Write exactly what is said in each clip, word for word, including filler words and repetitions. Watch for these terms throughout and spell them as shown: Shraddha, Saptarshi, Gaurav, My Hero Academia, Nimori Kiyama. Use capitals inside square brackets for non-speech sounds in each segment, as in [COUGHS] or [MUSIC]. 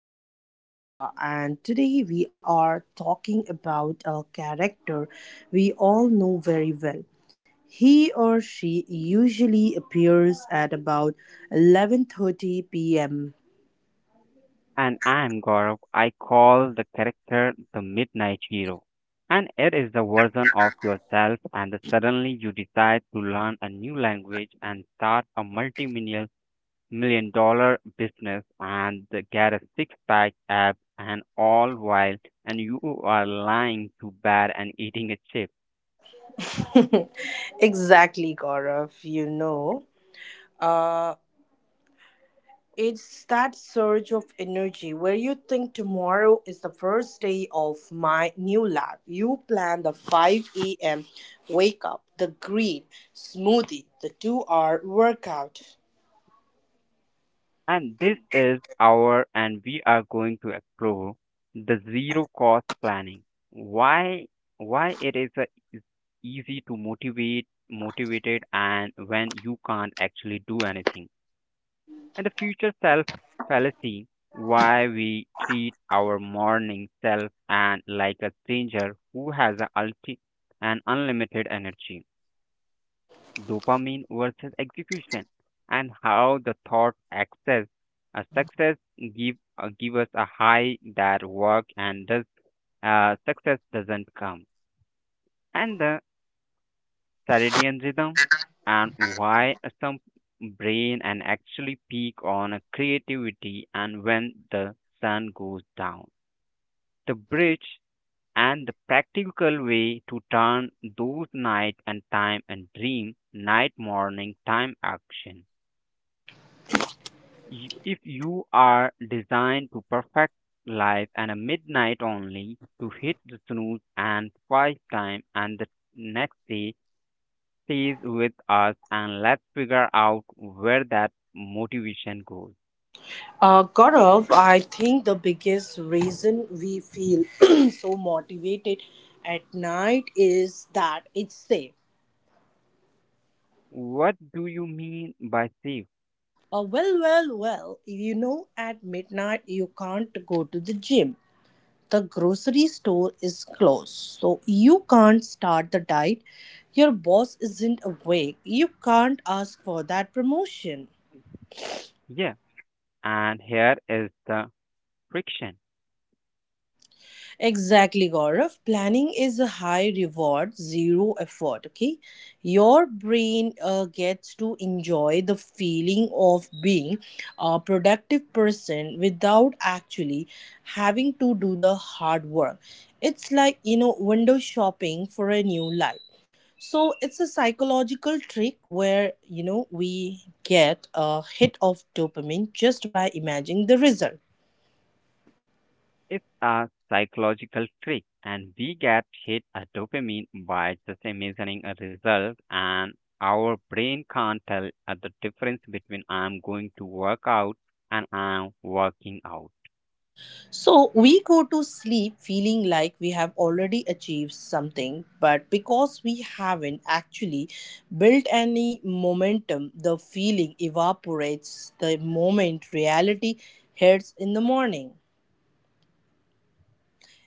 I am Shraddha and today we are talking about a character we all know very well. He or she usually appears at about eleven thirty p m And I'm Gaurav. I call the character the Midnight Hero. And it is the version of yourself, and suddenly you decide to learn a new language and start a multi million dollar business and get a six pack abs and all while and you are lying to bed and eating a chip. [LAUGHS] Exactly, Gaurav, you know. It's that surge of energy where you think tomorrow is the first day of my new life. You plan the five a m wake up, the green smoothie, the two hour workout. And this is our and we are going to explore the zero cost planning. Why why it is a, is easy to motivate motivated and when you can't actually do anything. And the future self fallacy why we treat our morning self and like a stranger who has a ulti- an unlimited energy, dopamine versus execution, and how the thought access a success give uh, give us a high that work and does, uh, success doesn't come, and the circadian rhythm, and why some brain and actually peak on creativity and when the sun goes down. The bridge and the practical way to turn those night and time and dream night morning time action. Y- If you are designed to perfect life and a midnight only to hit the snooze and five time and the next day stays with us and let's figure out where that motivation goes. Uh, Gaurav, I think the biggest reason we feel [CLEARS THROAT] so motivated at night is that it's safe. What do you mean by safe? Uh, well, well, well, you know, at midnight you can't go to the gym. The grocery store is closed, so you can't start the diet. Your boss isn't awake, you can't ask for that promotion. Yeah, and here is the friction. Exactly, Gaurav. Planning is a high reward, zero effort. Okay, your brain uh, gets to enjoy the feeling of being a productive person without actually having to do the hard work. It's like, you know, window shopping for a new life. So it's a psychological trick where, you know, we get a hit of dopamine just by imagining the result. It's a psychological trick, and we get hit a dopamine by just imagining a result, and our brain can't tell uh, the difference between I'm going to work out and I'm working out. So we go to sleep feeling like we have already achieved something, but because we haven't actually built any momentum, the feeling evaporates the moment reality hits in the morning.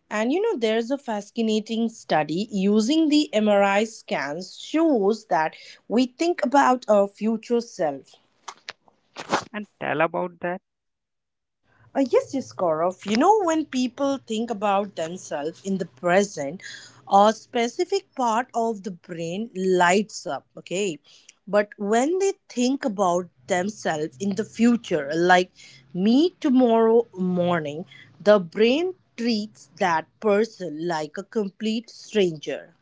And you know, there's a fascinating study using the M R I scans shows that we think about our future self. And tell about that. Uh, yes, yes, Gaurav. You know, when people think about themselves in the present, a specific part of the brain lights up, okay? But when they think about themselves in the future, like me tomorrow morning, the brain treats that person like a complete stranger.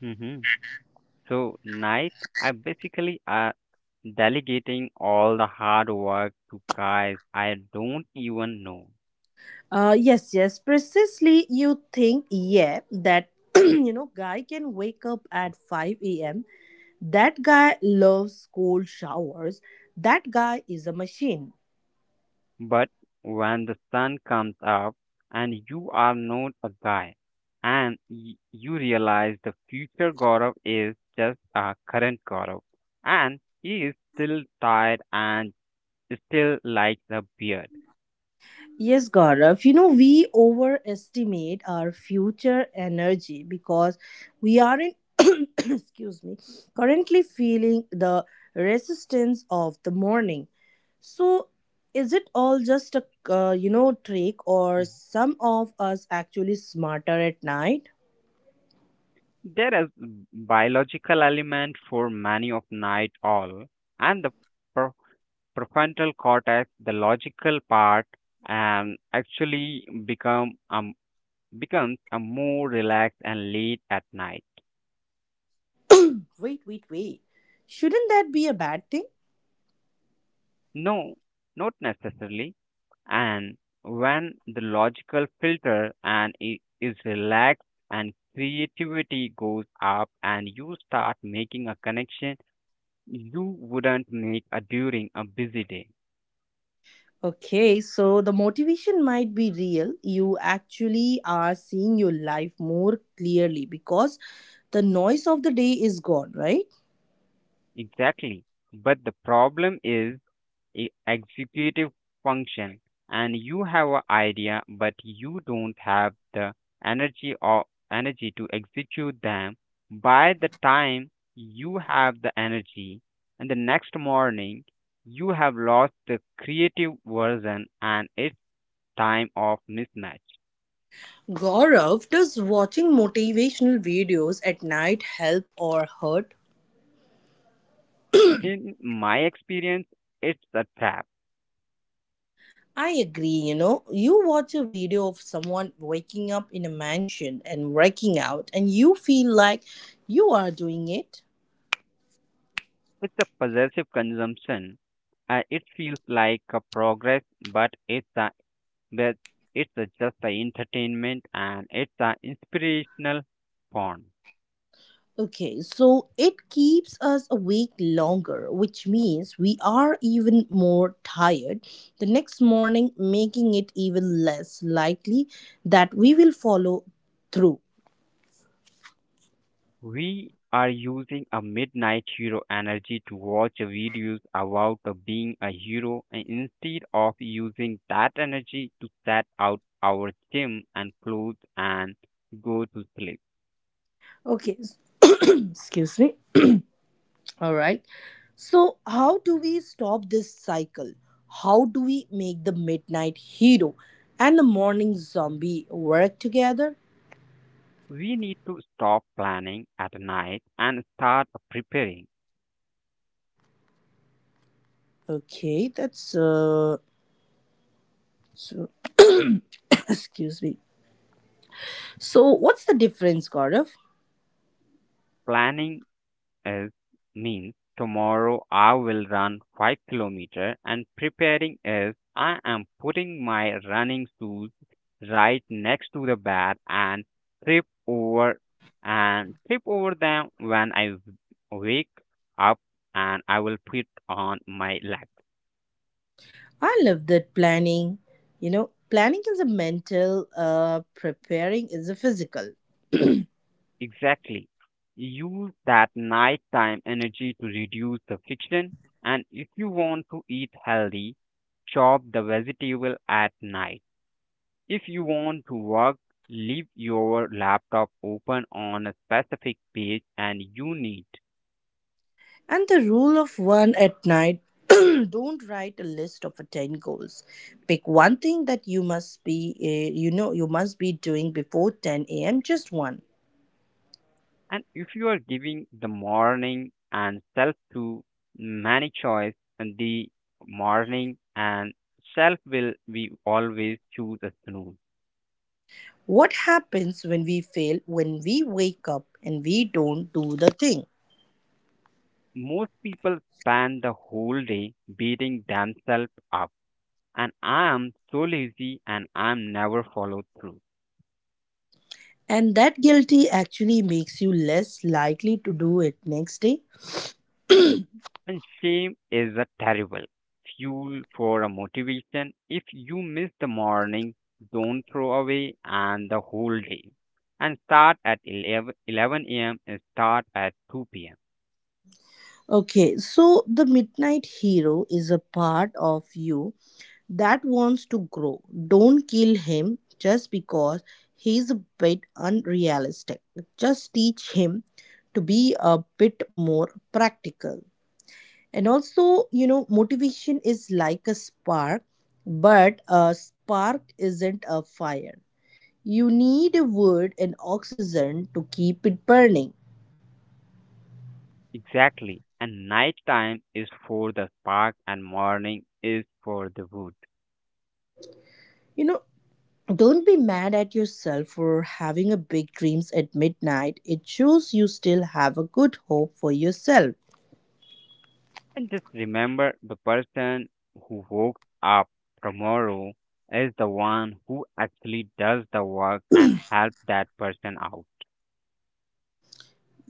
Hmm. So, night, I basically uh, delegating all the hard work to guys I don't even know. Uh, yes, yes, precisely. You think, yeah, that [CLEARS THROAT] you know, guy can wake up at five a m. That guy loves cold showers. That guy is a machine. But when the sun comes up and you are not a guy and y- you realize the future Gaurav is just a current Gaurav and he is still tired and still likes a beard. Yes, Gaurav. You know, we overestimate our future energy because we aren't, [COUGHS] excuse me, currently feeling the resistance of the morning. So, is it all just a, uh, you know, trick, or Mhm. some of us actually smarter at night? There is biological element for many of night all and the prefrontal cortex, the logical part, and actually become um, becomes a more relaxed and late at night. Wait, wait, wait. Shouldn't that be a bad thing? No, not necessarily. And when the logical filter and i- is relaxed and creativity goes up and you start making a connection you wouldn't make a during a busy day. Okay, so the motivation might be real. You actually are seeing your life more clearly because the noise of the day is gone, right? Exactly. But the problem is e- executive function and you have an idea but you don't have the energy or energy to execute them by the time you have the energy and the next morning you have lost the creative version and it's time of mismatch. Gaurav, does watching motivational videos at night help or hurt? In my experience it's a trap. I agree, you know. You watch a video of someone waking up in a mansion and working out, and you feel like you are doing it. It's a possessive consumption. Uh, it feels like a progress but it's a, that it's a just a entertainment and it's an inspirational porn. Okay, so it keeps us awake longer, which means we are even more tired the next morning, making it even less likely that we will follow through. We are using a midnight hero energy to watch videos about a being a hero and instead of using that energy to set out our gym and clothes and go to sleep. Okay, s- [CLEARS THROAT] excuse me. All right. So, how do we stop this cycle? How do we make the midnight hero and the morning zombie work together? We need to stop planning at night and start preparing. Okay, that's uh, so [CLEARS THROAT] excuse me. So, what's the difference, Gaurav? Planning is means tomorrow I will run 5 kilometer and preparing is I am putting my running shoes right next to the bed and trip over and trip over them when I w- wake up and I will put on my legs. I love that planning. You know, planning is a mental, uh, preparing is a physical. Exactly. Use that nighttime energy to reduce the friction, and if you want to eat healthy, chop the vegetable at night. If you want to work, leave your laptop open on a specific page and you need. And the rule of one at night, [CLEARS THROAT] don't write a list of uh, ten goals. Pick one thing that you must be, uh, you know, you must be doing before ten a m, just one. And if you are giving the morning and self to many choice, the morning and self will be always choose a snooze. What happens when we fail, when we wake up and we don't do the thing? Most people spend the whole day beating themselves up and I am so lazy and I'm never followed through. And that guilty actually makes you less likely to do it next day. [CLEARS THROAT] And shame is a terrible fuel for a motivation. If you miss the morning, don't throw away and the whole day. And start at eleven, eleven a m and start at two p m. Okay, so the midnight hero is a part of you that wants to grow. Don't kill him just because he's a bit unrealistic. Just teach him to be a bit more practical. And also, you know, motivation is like a spark, but a spark isn't a fire. You need a wood and oxygen to keep it burning. Exactly. And night time is for the spark and morning is for the wood. You know, don't be mad at yourself for having a big dreams at midnight. It shows you still have a good hope for yourself. And just remember the person who woke up tomorrow is the one who actually does the work and help that person out.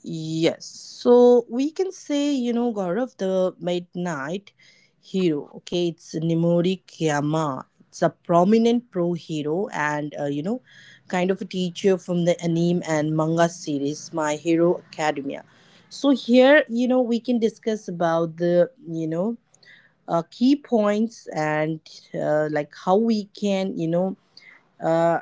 Yes. So we can say, you know, God of the Midnight Hero. Okay, it's Nimori Kiyama. It's a prominent pro hero and, uh, you know, kind of a teacher from the anime and manga series My Hero Academia. So here, you know, we can discuss about the, you know, uh, key points and uh, like how we can, you know uh,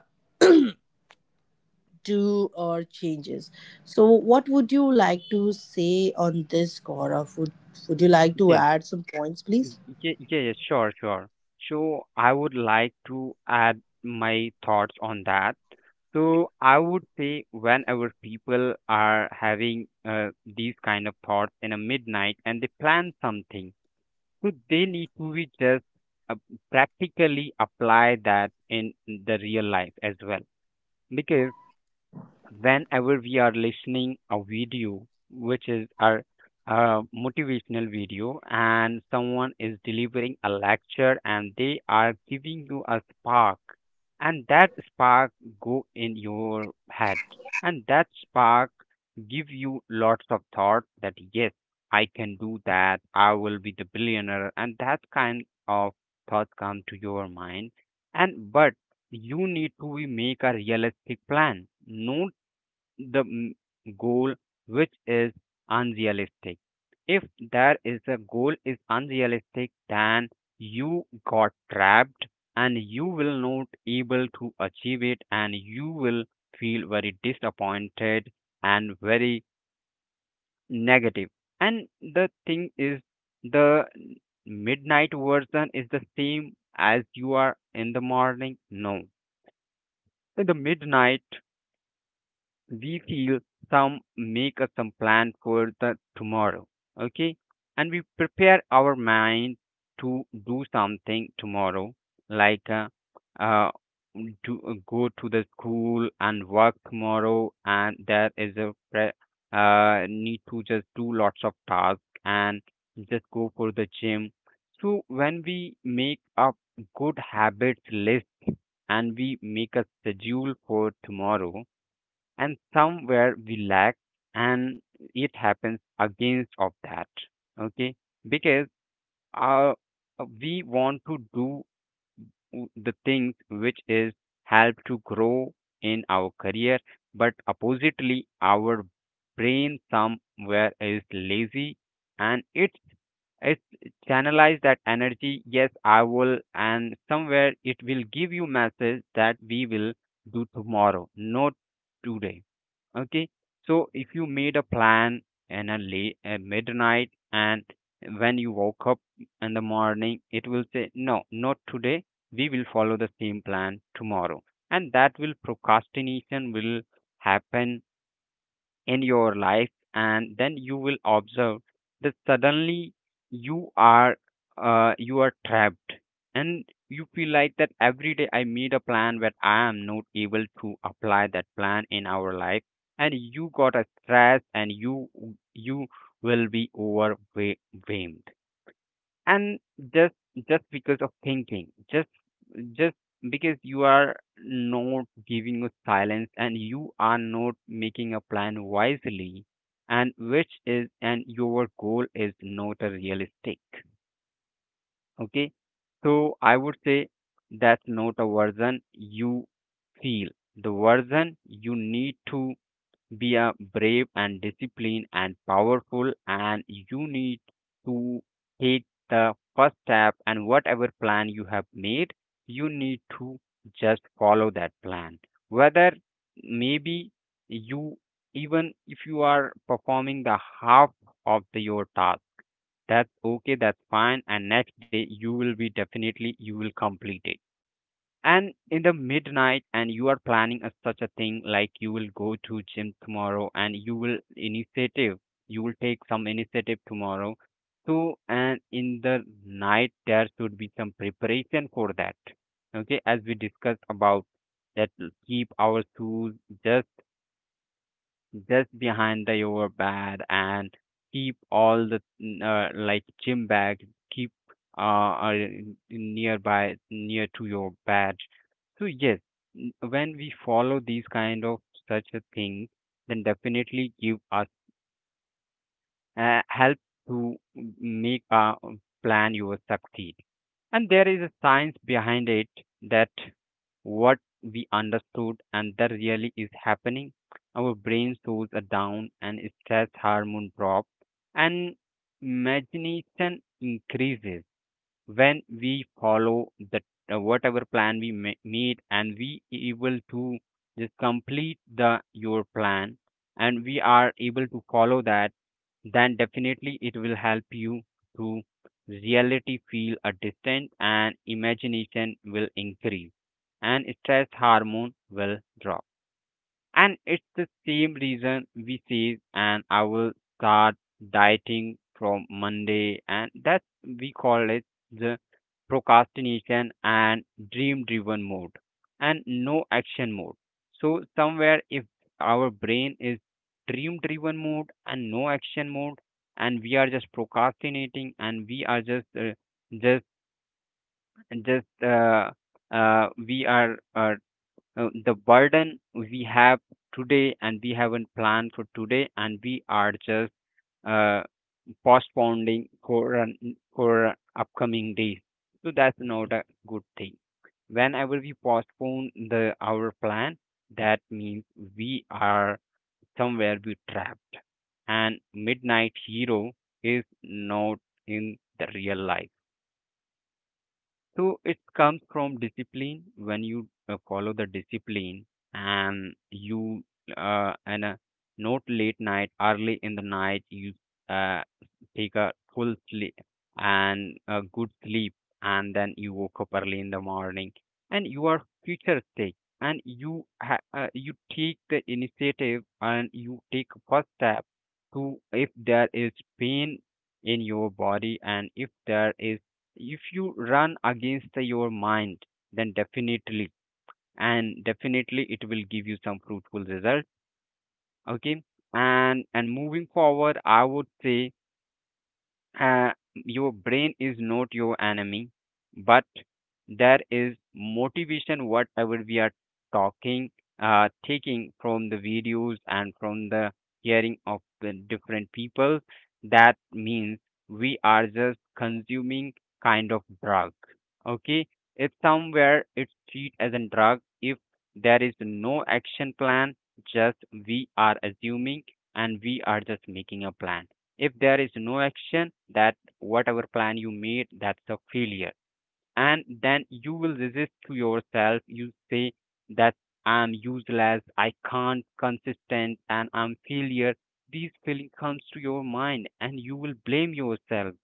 do our changes. So what would you like to say on this, Gaurav? would would you like to Yes. add some points Y- please? y- Yeah, yeah, yeah, sure, sure. So I would like to add my thoughts on that. So I would say whenever people are having uh, these kind of thoughts in a midnight and they plan something, so they need to be just, uh, practically apply that in the real life as well. Because whenever we are listening a video which is our uh, motivational video and someone is delivering a lecture and they are giving you a spark and that spark go in your head and that spark give you lots of thoughts that yes I can do that I will be the billionaire and that kind of thoughts come to your mind. And but you need to be make a realistic plan, no, the mm, goal which is unrealistic. If there is a goal is unrealistic, then you got trapped and you will not able to achieve it and you will feel very disappointed and very negative. And the thing is the midnight version is the same as you are in the morning. No. In the midnight we feel some make us some plan for the tomorrow, okay, and we prepare our mind to do something tomorrow, like uh, uh to uh, go to the school and work tomorrow and there is a pre- uh need to just do lots of tasks and just go for the gym. So when we make a good habits list and we make a schedule for tomorrow and somewhere we lack and it happens against of that, okay, because, uh, we want to do the things which is help to grow in our career but oppositely our brain somewhere is lazy, and it's, it channelize that energy yes I will, and somewhere it will give you message that we will do tomorrow not today, okay. So if you made a plan and a late at midnight, and when you woke up in the morning it will say no not today, we will follow the same plan tomorrow, and that will procrastination will happen in your life. And then you will observe that suddenly you are, uh, you are trapped, and you feel like that every day I made a plan but I am not able to apply that plan in our life. And you got a stress and you you will be overwhelmed and just just because of thinking, just just because you are not giving a silence and you are not making a plan wisely, and which is and your goal is not a realistic, okay. So I would say that's not a version you feel, the version you need to be a brave and disciplined and powerful, and you need to take the first step. And whatever plan you have made, you need to just follow that plan. Whether, maybe you, even if you are performing the half of the, your task, that's okay, that's fine. And next day you will be definitely you will complete it. And in the midnight and you are planning a, such a thing like you will go to gym tomorrow and you will initiative, you will take some initiative tomorrow. So, and in the night there should be some preparation for that, okay, as we discussed about that l- keep our shoes just just behind the your bed and keep all the mm, uh, like gym bag, keep uh, uh nearby near to your bed. So yes, n- when we follow these kind of such a thing then definitely give us uh, help to make a plan your succeed. And there is a science behind it, that what we understood and that really is happening. Our brain slows are down and stress hormone drop and imagination increases when we follow the uh, whatever plan we ma- made and we able to just complete the your plan, and we are able to follow that, then definitely it will help you to reality feel a distance and imagination will increase and stress hormone will drop. And it's the same reason we say, and I will start dieting from Monday. And that's we call it the procrastination and dream driven mode and no action mode. So, somewhere if our brain is dream driven mode and no action mode, and we are just procrastinating and we are just, uh, just just uh, uh, we are uh, uh, the burden we have today, and we haven't planned for today and we are just, uh, postponing for, an- for an upcoming days. So that's not a good thing. Whenever we postpone the our plan, that means we are, somewhere we trapped, and midnight hero is not in the real life, so it comes from discipline. When you uh, follow the discipline and you uh, and uh, not late night, early in the night, you uh, take a full sleep and a good sleep, and then you woke up early in the morning, and you are futuristic, and you ha- uh, you take the initiative and you take first step to if there is pain in your body, and if there is if you run against the- your mind, then definitely, and definitely it will give you some fruitful result. Okay. And and moving forward, I would say uh, your brain is not your enemy, but there is motivation whatever we are talking, uh, taking from the videos and from the hearing of the different people. That means we are just consuming kind of drug. Okay, it's somewhere it's treated as a drug. If there is no action plan, just we are assuming and we are just making a plan. If there is no action, that whatever plan you made, that's a failure. And then you will resist to yourself, you say that I'm useless, I can't consistent, and I'm failure. These feeling comes to your mind and you will blame yourself.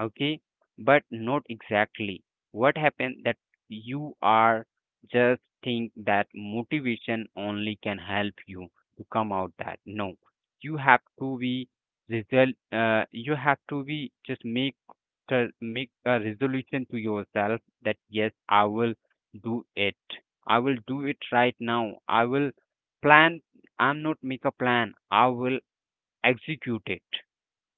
Okay, but not exactly. What happened that you are just think that motivation only can help you to come out. That no, you have to be result, uh, you have to be just make to make a resolution to yourself that yes, I will do it. I will do it right now. I will plan. I'm not make a plan, I will execute it.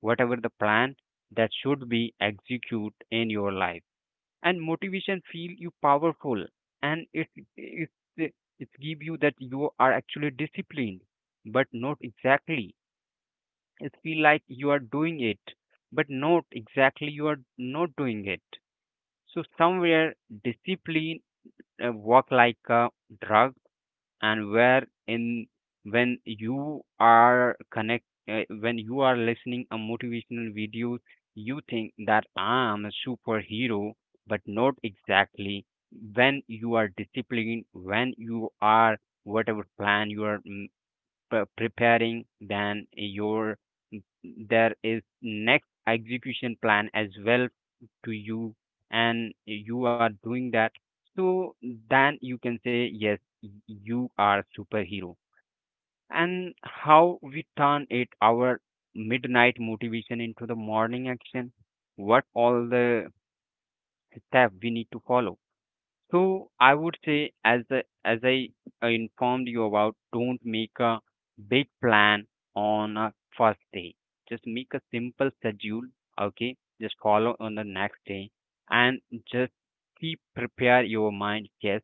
Whatever the plan, that should be executed in your life. And motivation feel you powerful, and it it it give you that you are actually disciplined, but not exactly. It feel like you are doing it, but not exactly, you are not doing it. So somewhere discipline uh, work like a drug. And where in when you are connect uh, when you are listening a motivational video, you think that I'm a superhero, but not exactly. When you are disciplined, when you are whatever plan you are mm, pre- preparing, than your, there is next execution plan as well to you, and you are doing that. So then you can say yes, y- you are superhero. And how we turn it our midnight motivation into the morning action? What all the steps we need to follow? So I would say, as the, as I uh, informed you about, don't make a big plan on a first day. Just make a simple schedule. Okay, just follow on the next day, and just keep prepare your mind. Yes,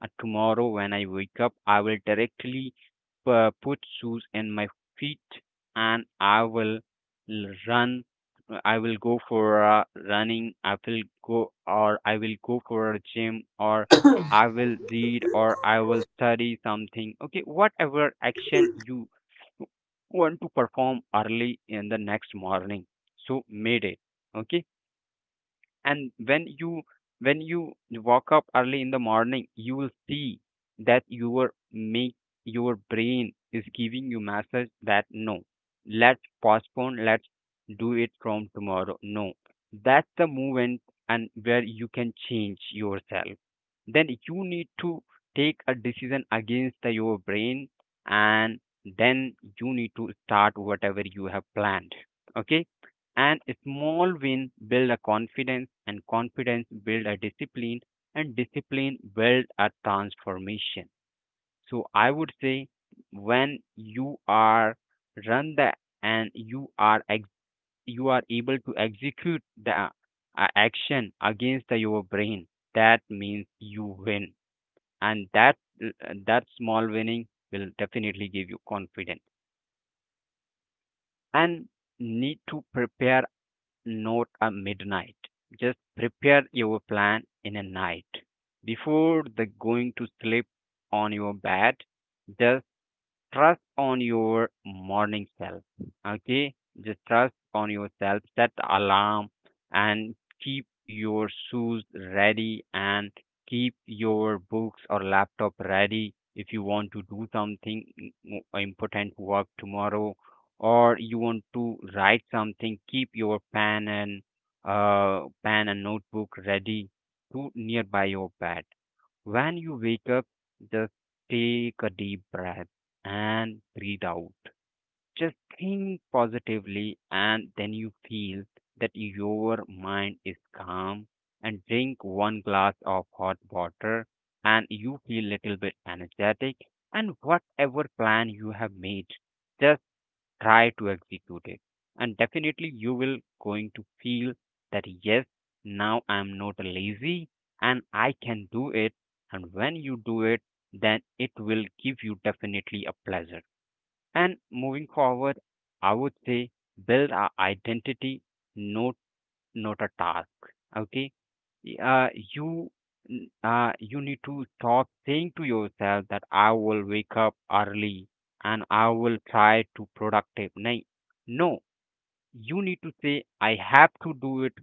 uh, tomorrow when I wake up, I will directly uh, put shoes in my feet, and I will l- run. I will go for uh, running, I will go, or I will go for a gym, or I will read, or I will study something. Okay, whatever action you want to perform early in the next morning. So made it. Okay, and when you when you walk up early in the morning, you will see that your make your brain is giving you message that no, let's postpone, let's do it from tomorrow. No, that's the moment, and where you can change yourself. Then you need to take a decision against the, your brain, and then you need to start whatever you have planned. Okay. And a small win build a confidence, and confidence build a discipline, and discipline build a transformation. So I would say, when you are run the, and you are ex- you are able to execute the uh, action against the, your brain, that means you win. And that uh, that small winning will definitely give you confidence. And need to prepare, not at midnight, just prepare your plan in a night before the going to sleep on your bed. Just trust on your morning self. Okay, just trust on yourself. Set the alarm and keep your shoes ready, and keep your books or laptop ready if you want to do something mm, important work tomorrow. Or you want to write something, keep your pen and uh, pen and notebook ready to nearby your bed. When you wake up, just take a deep breath and breathe out. Just think positively, and then you feel that your mind is calm. And drink one glass of hot water, and you feel little bit energetic. And whatever plan you have made, just try to execute it, and definitely you will going to feel that yes, now I'm not lazy, and I can do it. And when you do it, then it will give you definitely a pleasure. And moving forward, I would say build our identity, not not a task. Okay, uh, you n- uh, you need to stop saying to yourself that I will wake up early and I will try to productive. Nay, no, you need to say I have to do it.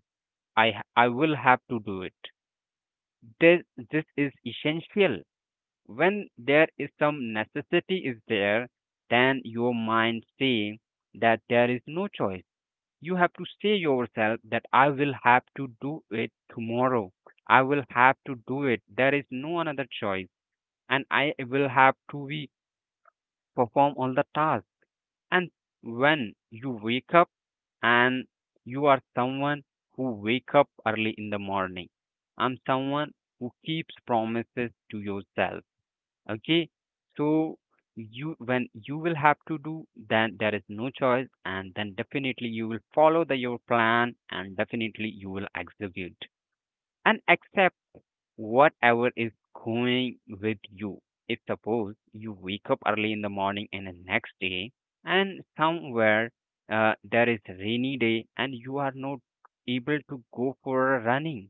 I ha- I will have to do it. This this is essential. When there is some necessity is there, then your mind say that there is no choice. You have to say yourself that I will have to do it tomorrow. I will have to do it. There is no another choice. And I will have to be perform all the tasks. And when you wake up, and you are someone who wake up early in the morning. I'm someone who keeps promises to yourself. Okay, so you, when you will have to do, then there is no choice, and then definitely you will follow the your plan, and definitely you will execute and accept whatever is going with you. If suppose you wake up early in the morning and the next day, and somewhere uh, there is rainy day and you are not able to go for a running,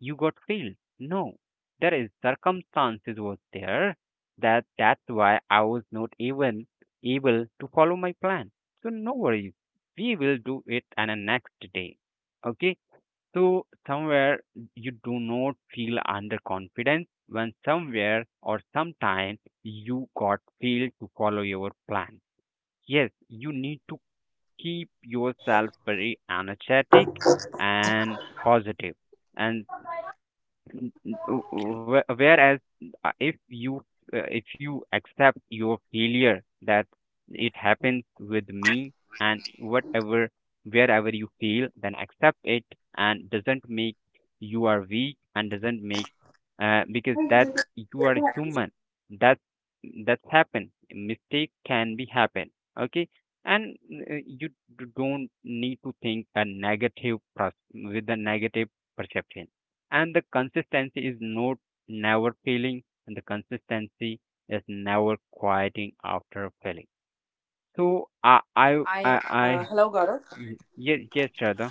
you got failed. No, there is circumstances was there, that that's why I was not even able to follow my plan. So no worries, we will do it on a next day. Okay, so somewhere you do not feel under confidence when somewhere or sometime you got failed to follow your plan. Yes, you need to keep yourself very energetic and positive, and n- n- w- w- whereas uh, if you uh, if you accept your failure, that it happens with me, and whatever wherever you fail, then accept it, and doesn't make you are weak, and doesn't make uh, because that you are human, that that's happen, mistake can be happen. Okay. And uh, you d- don't need to think a negative pers- with a negative perception. And the consistency is not never failing, and the consistency is never quieting after failing. So i i i, I uh, I Hello Gaurav. y- yes, yes, Shraddha.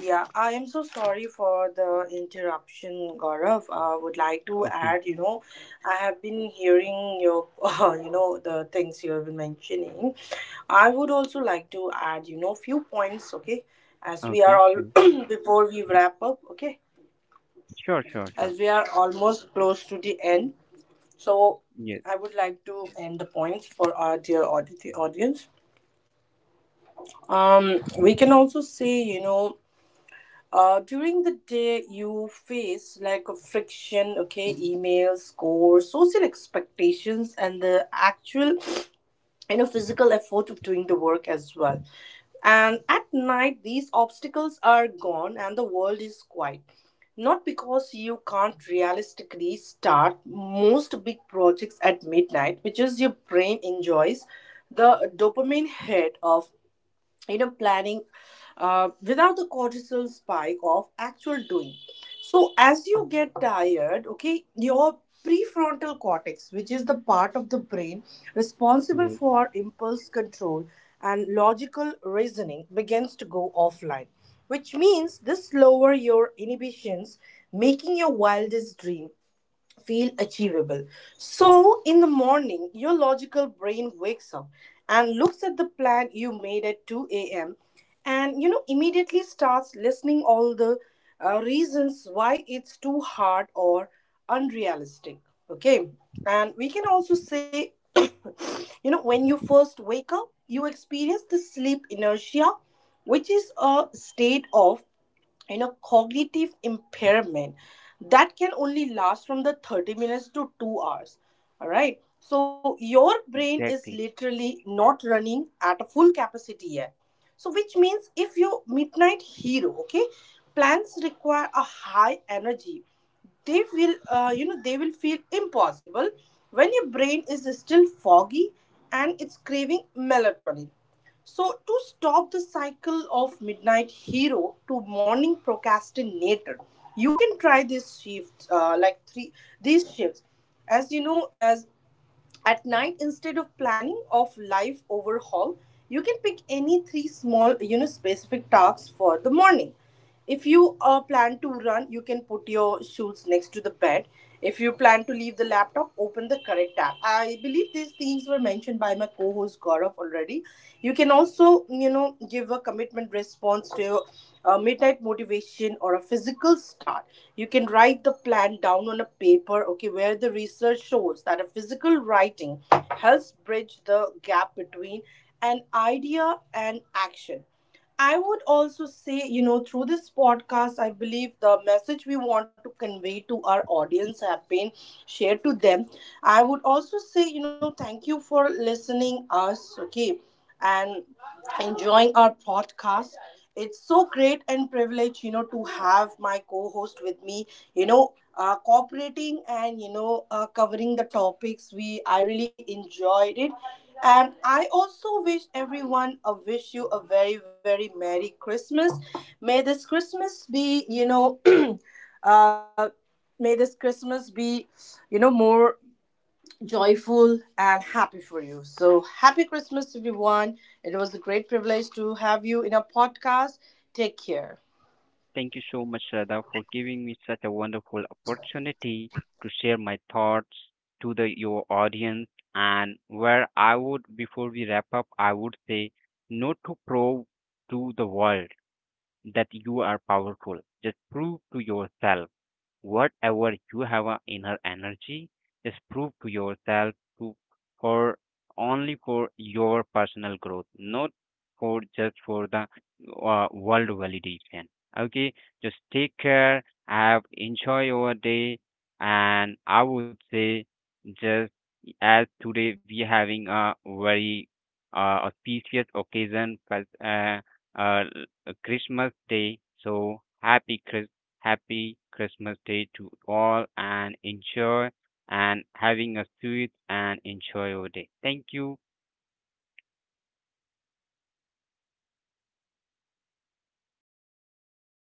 Yeah, I am so sorry for the interruption, Gaurav. I would like to Okay. add, you know, I have been hearing your [LAUGHS] uh, you know, the things you have been mentioning. I would also like to add, you know, few points, okay, as we are Okay, all sure. [CLEARS THROAT] before we wrap up, okay, Sure, sure, sure. as we are almost close to the end. So Yes. I would like to end the points for our dear audi- audience. Um, we can also say, you know, uh, during the day you face like a friction, okay, emails, scores, social expectations, and the actual, you know, physical effort of doing the work as well. And at night these obstacles are gone and the world is quiet, not because you can't realistically start most big projects at midnight, which is your brain enjoys the dopamine hit of, you know, planning uh, without the cortisol spike of actual doing. So as you get tired, okay, your prefrontal cortex, which is the part of the brain responsible Yes. for impulse control and logical reasoning, begins to go offline, which means this lower your inhibitions, making your wildest dream feel achievable. So, in the morning, your logical brain wakes up and looks at the plan you made at two a m and you know immediately starts listening all the uh, reasons why it's too hard or unrealistic. Okay, and we can also say, [COUGHS] you know, when you first wake up, you experience the sleep inertia, which is a state of, you know, cognitive impairment that can only last from the thirty minutes to two hours. All right, so your brain is Exactly. literally not running at a full capacity yet. So which means if your midnight hero, okay, plans require a high energy, they will, uh, you know they will feel impossible when your brain is still foggy and it's craving melatonin. So, to stop the cycle of midnight hero to morning procrastinator, you can try this shift, uh, like three these shifts. As you know, as at night, instead of planning of life overhaul, you can pick any three small, you know, specific tasks for the morning. If you uh, plan to run, you can put your shoes next to the bed. If you plan to leave the laptop, open the correct tab. I believe these things were mentioned by my co-host Gaurav already. You can also, you know, give a commitment response to a midnight motivation or a physical start. You can write the plan down on a paper, okay, where the research shows that a physical writing helps bridge the gap between an idea and action. I would also say, you know, through this podcast, I believe the message we want to convey to our audience have been shared to them. I would also say, you know, thank you for listening us, okay, and enjoying our podcast. It's so great and privilege, you know, to have my co-host with me, you know, uh, cooperating and, you know, uh, covering the topics. We i really enjoyed it. And I also wish everyone a wish you a very very merry Christmas. May this Christmas be, you know, [CLEARS THROAT] uh, may this christmas be you know, more joyful and happy for you. So happy Christmas everyone. It was a great privilege to have you in a podcast. Take care. Thank you so much, Shraddha, for giving me such a wonderful opportunity to share my thoughts to the your audience. And where I would, before we wrap up, I would say, not to prove to the world that you are powerful. Just prove to yourself whatever you have a inner energy. Just prove to yourself to for only for your personal growth, not for just for the uh, world validation. Okay, just take care. Have enjoy your day. And I would say, just as today we having a very uh, auspicious occasion, fes- uh, uh, l- Christmas Day. So happy Chris, happy Christmas Day to all, and enjoy and having a sweet and enjoy your day. Thank you. Thank you so much, Gaurav.